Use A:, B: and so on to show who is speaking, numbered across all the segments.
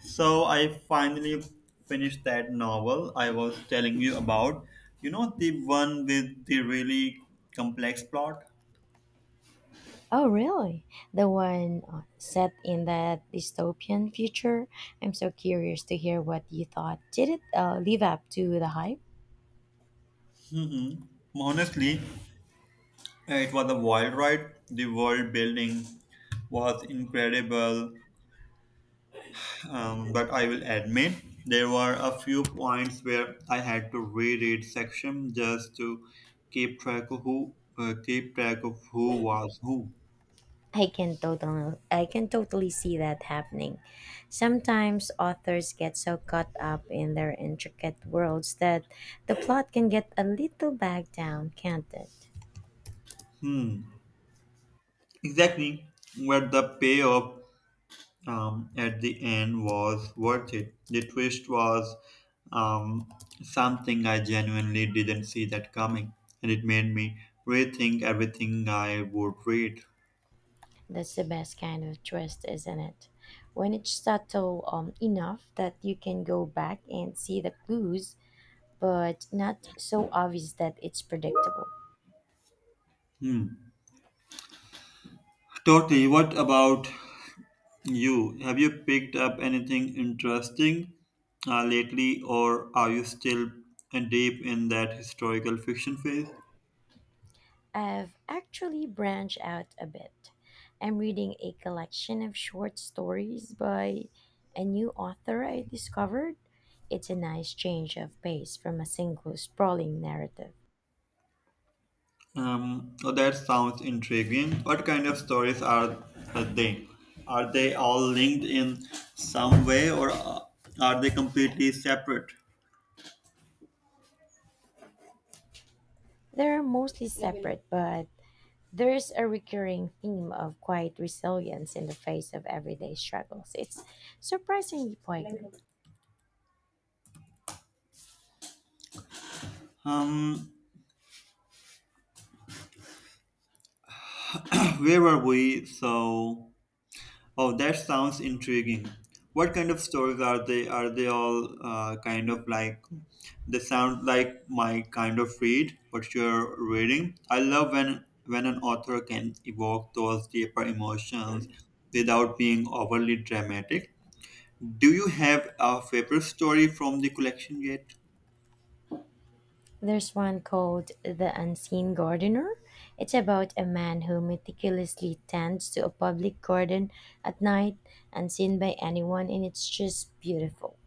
A: So I finally finished that novel I was telling you about. You know, the one with the really complex plot?
B: Oh, really? The one set in that dystopian future? I'm so curious to hear what you thought. Did it live up to the hype?
A: Mm-hmm. Honestly, it was a wild ride. The world building was incredible, but I will admit there were a few points where I had to reread section just to keep track of who keep track of who was who.
B: I can totally see that happening. Sometimes authors get so caught up in their intricate worlds that the plot can get a little bogged down, can't it?
A: Hmm. Exactly where the payoff at the end was worth it. The twist was um, something I genuinely didn't see that coming, and it made me rethink everything I would read.
B: That's the best kind of twist, isn't it? When it's subtle enough that you can go back and see the clues, but not so obvious that it's predictable.
A: Hmm. Totally. What about you? Have you picked up anything interesting lately, or are you still deep in that historical fiction phase?
B: I've actually branched out a bit. I'm reading a collection of short stories by a new author I discovered. It's a nice change of pace from a single sprawling narrative.
A: Oh, that sounds intriguing. What kind of stories are they? Are they all linked in some way, or are they completely separate?
B: They're mostly separate, but there is a recurring theme of quiet resilience in the face of everyday struggles. It's surprisingly poignant.
A: Um, where were we? So. Oh, that sounds intriguing. What kind of stories are they? Are they all kind of like they sound like my kind of read? What you're reading? I love when an author can evoke those deeper emotions without being overly dramatic. Do you have a favorite story from the collection yet?
B: There's one called The Unseen Gardener. It's about a man who meticulously tends to a public garden at night, unseen by anyone, and it's just beautiful.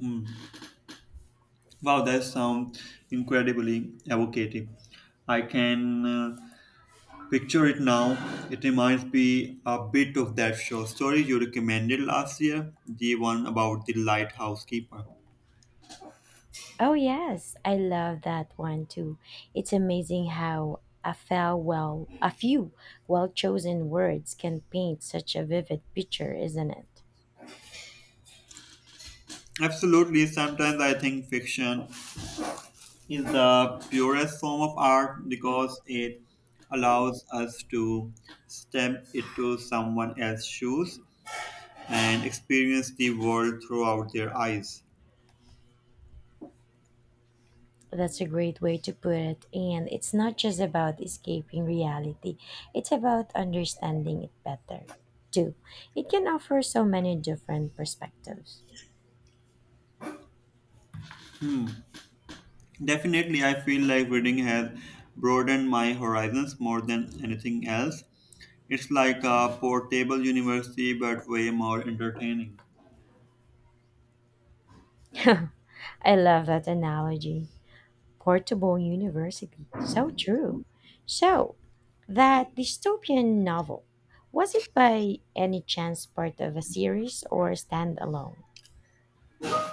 A: Hmm. Wow, that sounds incredibly evocative. I can. Picture it now. It reminds me a bit of that short story you recommended last year, the one about the lighthouse keeper.
B: Oh, yes, I love that one too. It's amazing how a few well chosen words can paint such a vivid picture, isn't it?
A: Absolutely, sometimes I think fiction is the purest form of art because it allows us to step into someone else's shoes and experience the world throughout their eyes.
B: That's a great way to put it. And it's not just about escaping reality, it's about understanding it better, too. It can offer so many different perspectives.
A: Definitely, I feel like reading has broadened my horizons more than anything else. It's like a portable university, but way more entertaining.
B: I love that analogy. Portable university. So true. So, that dystopian novel, was it by any chance part of a series or standalone?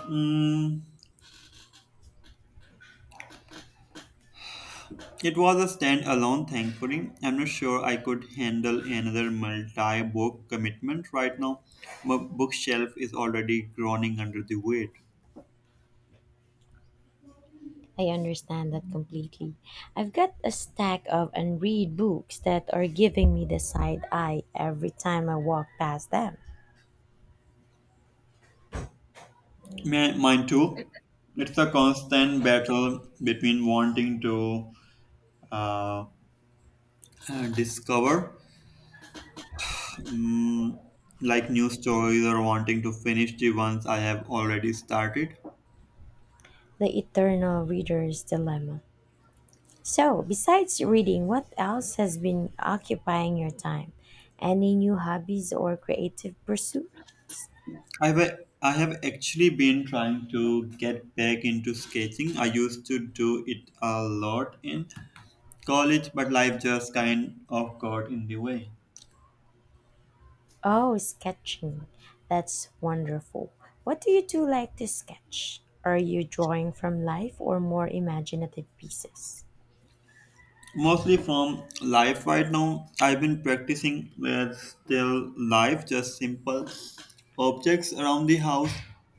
A: Mm, it was a standalone, thankfully. I'm not sure I could handle another multi book commitment right now. My bookshelf is already groaning under the weight.
B: I understand that completely. I've got a stack of unread books that are giving me the side eye every time I walk past them.
A: Mine too. It's a constant battle between wanting to uh, discover like new stories or wanting to finish the ones I have already started.
B: The Eternal Reader's Dilemma. So, besides reading, what else has been occupying your time? Any new hobbies or creative pursuit?
A: I've I have actually been trying to get back into sketching. I used to do it a lot in college, but life just kind of got in the way.
B: Oh, sketching. That's wonderful. What do like to sketch? Are you drawing from life or more imaginative pieces?
A: Mostly from life right now. I've been practicing with still life, just simple objects around the house.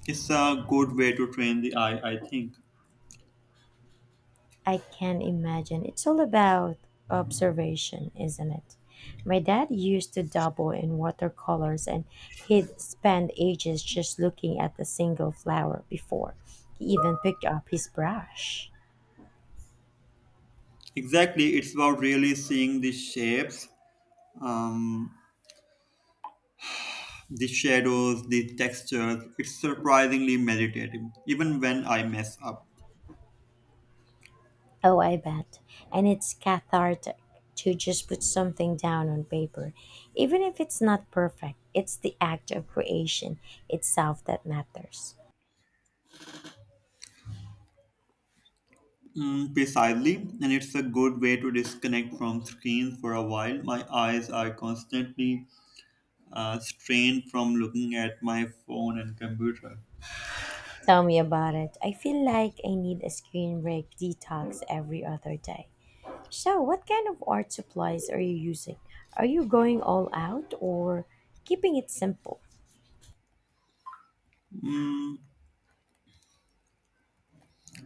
A: It's a good way to train the eye, I think.
B: I can imagine. It's all about observation, isn't it? My dad used to dabble in watercolors and he'd spend ages just looking at a single flower before he even picked up his brush.
A: Exactly, it's about really seeing the shapes. Um, The shadows, the textures, it's surprisingly meditative, even when I mess up.
B: Oh, I bet. And it's cathartic to just put something down on paper. Even if it's not perfect, it's the act of creation itself that matters.
A: Mm, precisely, and it's a good way to disconnect from screens for a while. My eyes are constantly strained from looking at my phone and computer.
B: Tell me about it. I feel like I need a screen break detox every other day. So, what kind of art supplies are you using? Are you going all out or keeping it simple?
A: Mm,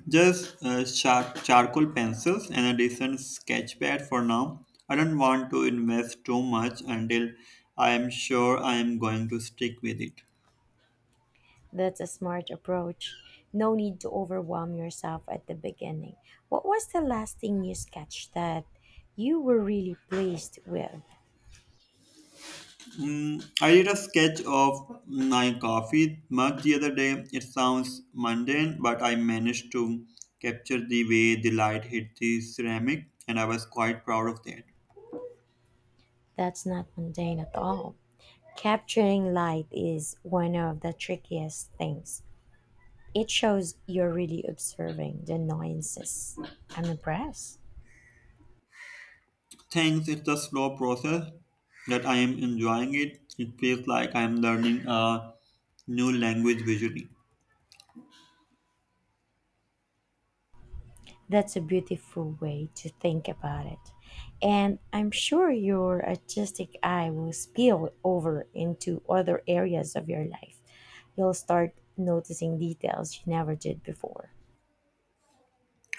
A: just charcoal pencils and a decent sketch pad for now. I don't want to invest too much until I am sure I am going to stick with it.
B: That's a smart approach. No need to overwhelm yourself at the beginning. What was the last thing you sketched that you were really pleased with?
A: Mm, I did a sketch of my coffee mug the other day. It sounds mundane, but I managed to capture the way the light hit the ceramic, and I was quite proud of that.
B: That's not mundane at all. Capturing light is one of the trickiest things. It shows you're really observing the nuances. I'm impressed.
A: Thanks, it's a slow process that I am enjoying it. It feels like I am learning a new language visually.
B: That's a beautiful way to think about it. And I'm sure your artistic eye will spill over into other areas of your life. You'll start noticing details you never did before.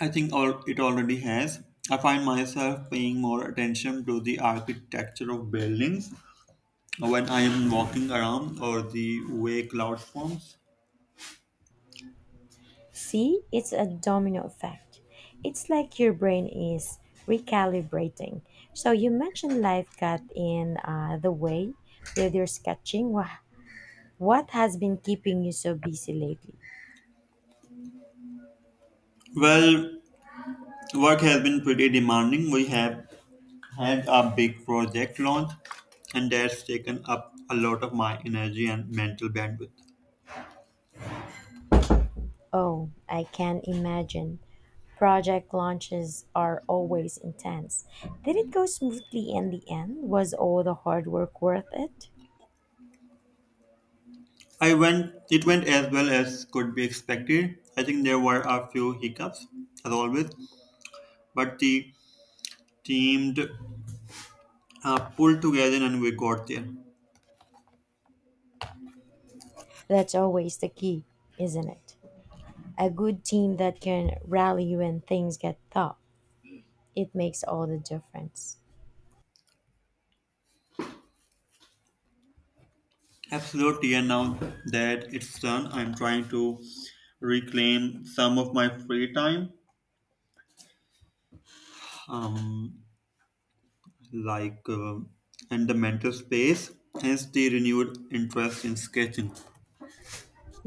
A: I think all it already has. I find myself paying more attention to the architecture of buildings when I am walking around or the way clouds forms.
B: See, it's a domino effect. It's like your brain is recalibrating. So you mentioned life got in the way with your sketching. Wow, what has been keeping you so busy lately?
A: Well, work has been pretty demanding. We have had a big project launch, and that's taken up a lot of my energy and mental bandwidth.
B: Oh, I can imagine. Project launches are always intense. Did it go smoothly in the end? Was all the hard work worth it?
A: I went it went as well as could be expected. I think there were a few hiccups, as always, but the team pulled together and we got there.
B: That's always the key, isn't it? A good team that can rally you when things get tough. It makes all the difference.
A: Absolutely, and now that it's done, I'm trying to reclaim some of my free time. Um, like uh, and the mental space, hence the renewed interest in sketching.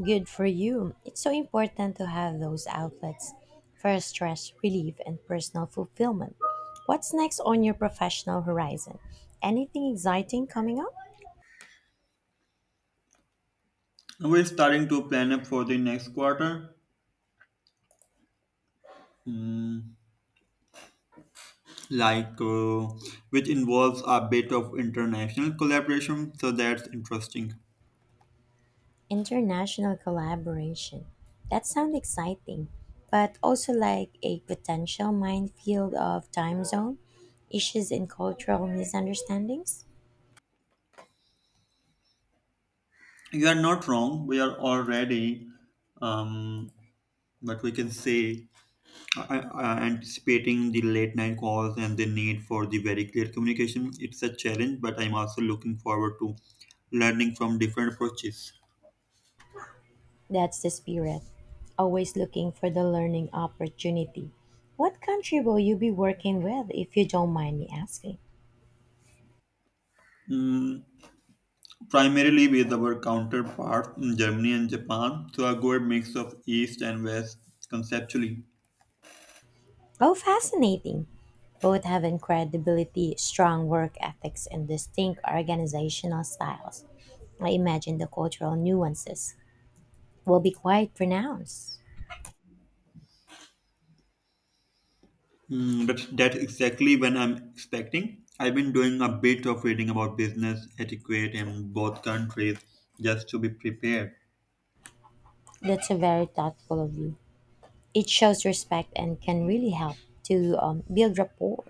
B: Good for you. It's so important to have those outlets for stress relief and personal fulfillment. What's next on your professional horizon? Anything exciting coming up?
A: We're starting to plan up for the next quarter, mm, like uh, which involves a bit of international collaboration, so that's interesting.
B: International collaboration. That sounds exciting, but also like a potential minefield of time zone issues and cultural misunderstandings.
A: You are not wrong. We are already, um, what we can say, uh, anticipating the late night calls and the need for the very clear communication. It's a challenge, but I'm also looking forward to learning from different approaches.
B: That's the spirit, always looking for the learning opportunity. What country will you be working with, if you don't mind me asking?
A: Mm, primarily with our counterparts in Germany and Japan, so a good mix of East and West conceptually.
B: Oh, fascinating! Both have incredibility, strong work ethics, and distinct organizational styles. I imagine the cultural nuances will be quite pronounced.
A: Mm, but that's exactly when I'm expecting. I've been doing a bit of reading about business etiquette in both countries just to be prepared.
B: That's a very thoughtful of you. It shows respect and can really help to build rapport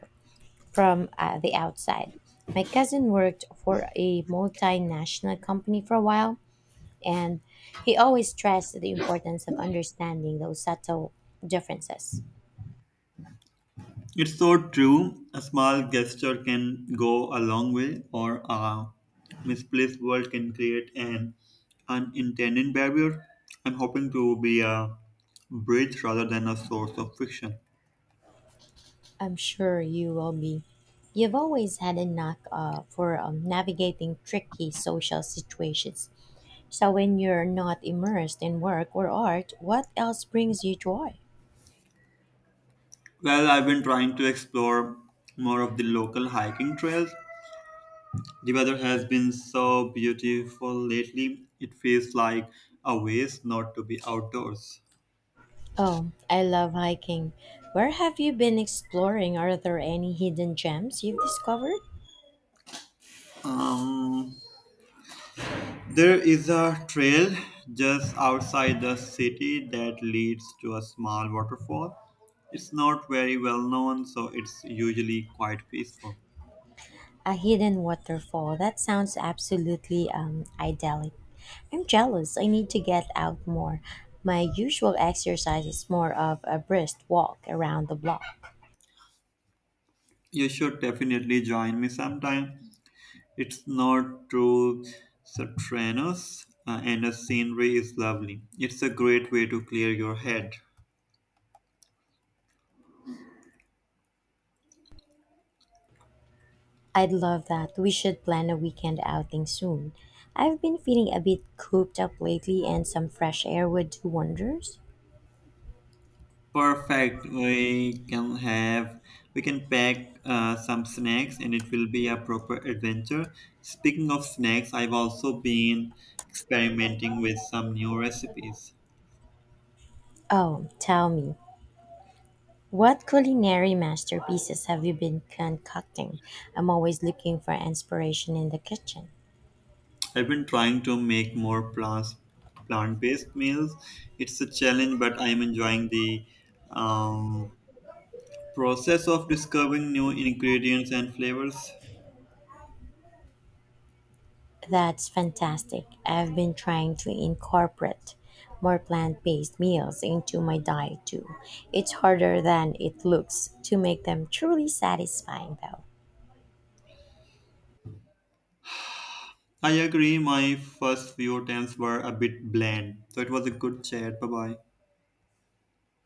B: from the outside. My cousin worked for a multinational company for a while, and he always stressed the importance of understanding those subtle differences.
A: It's so true. A small gesture can go a long way, or a misplaced word can create an unintended barrier. I'm hoping to be a bridge rather than a source of friction.
B: I'm sure you will be. You've always had a knack for navigating tricky social situations. So, when you're not immersed in work or art, what else brings you joy?
A: Well, I've been trying to explore more of the local hiking trails. The weather has been so beautiful lately, it feels like a waste not to be outdoors.
B: Oh, I love hiking. Where have you been exploring? Are there any hidden gems you've discovered?
A: Um, There is a trail just outside the city that leads to a small waterfall. It's not very well known, so it's usually quite peaceful.
B: A hidden waterfall. That sounds absolutely idyllic. I'm jealous. I need to get out more. My usual exercise is more of a brisk walk around the block.
A: You should definitely join me sometime. It's not too strenuous, and the scenery is lovely. It's a great way to clear your head.
B: I'd love that. We should plan a weekend outing soon. I've been feeling a bit cooped up lately, and some fresh air would do wonders.
A: Perfect. We can pack some snacks and it will be a proper adventure. Speaking of snacks, I've also been experimenting with some new recipes.
B: Oh, tell me, what culinary masterpieces have you been concocting? I'm always looking for inspiration in the kitchen.
A: I've been trying to make more plants plant-based meals. It's a challenge, but I'm enjoying the um, process of discovering new ingredients and flavors.
B: That's fantastic. I've been trying to incorporate more plant based meals into my diet too. It's harder than it looks to make them truly satisfying though.
A: I agree, my first few attempts were a bit bland, so it was a good chat. Bye bye.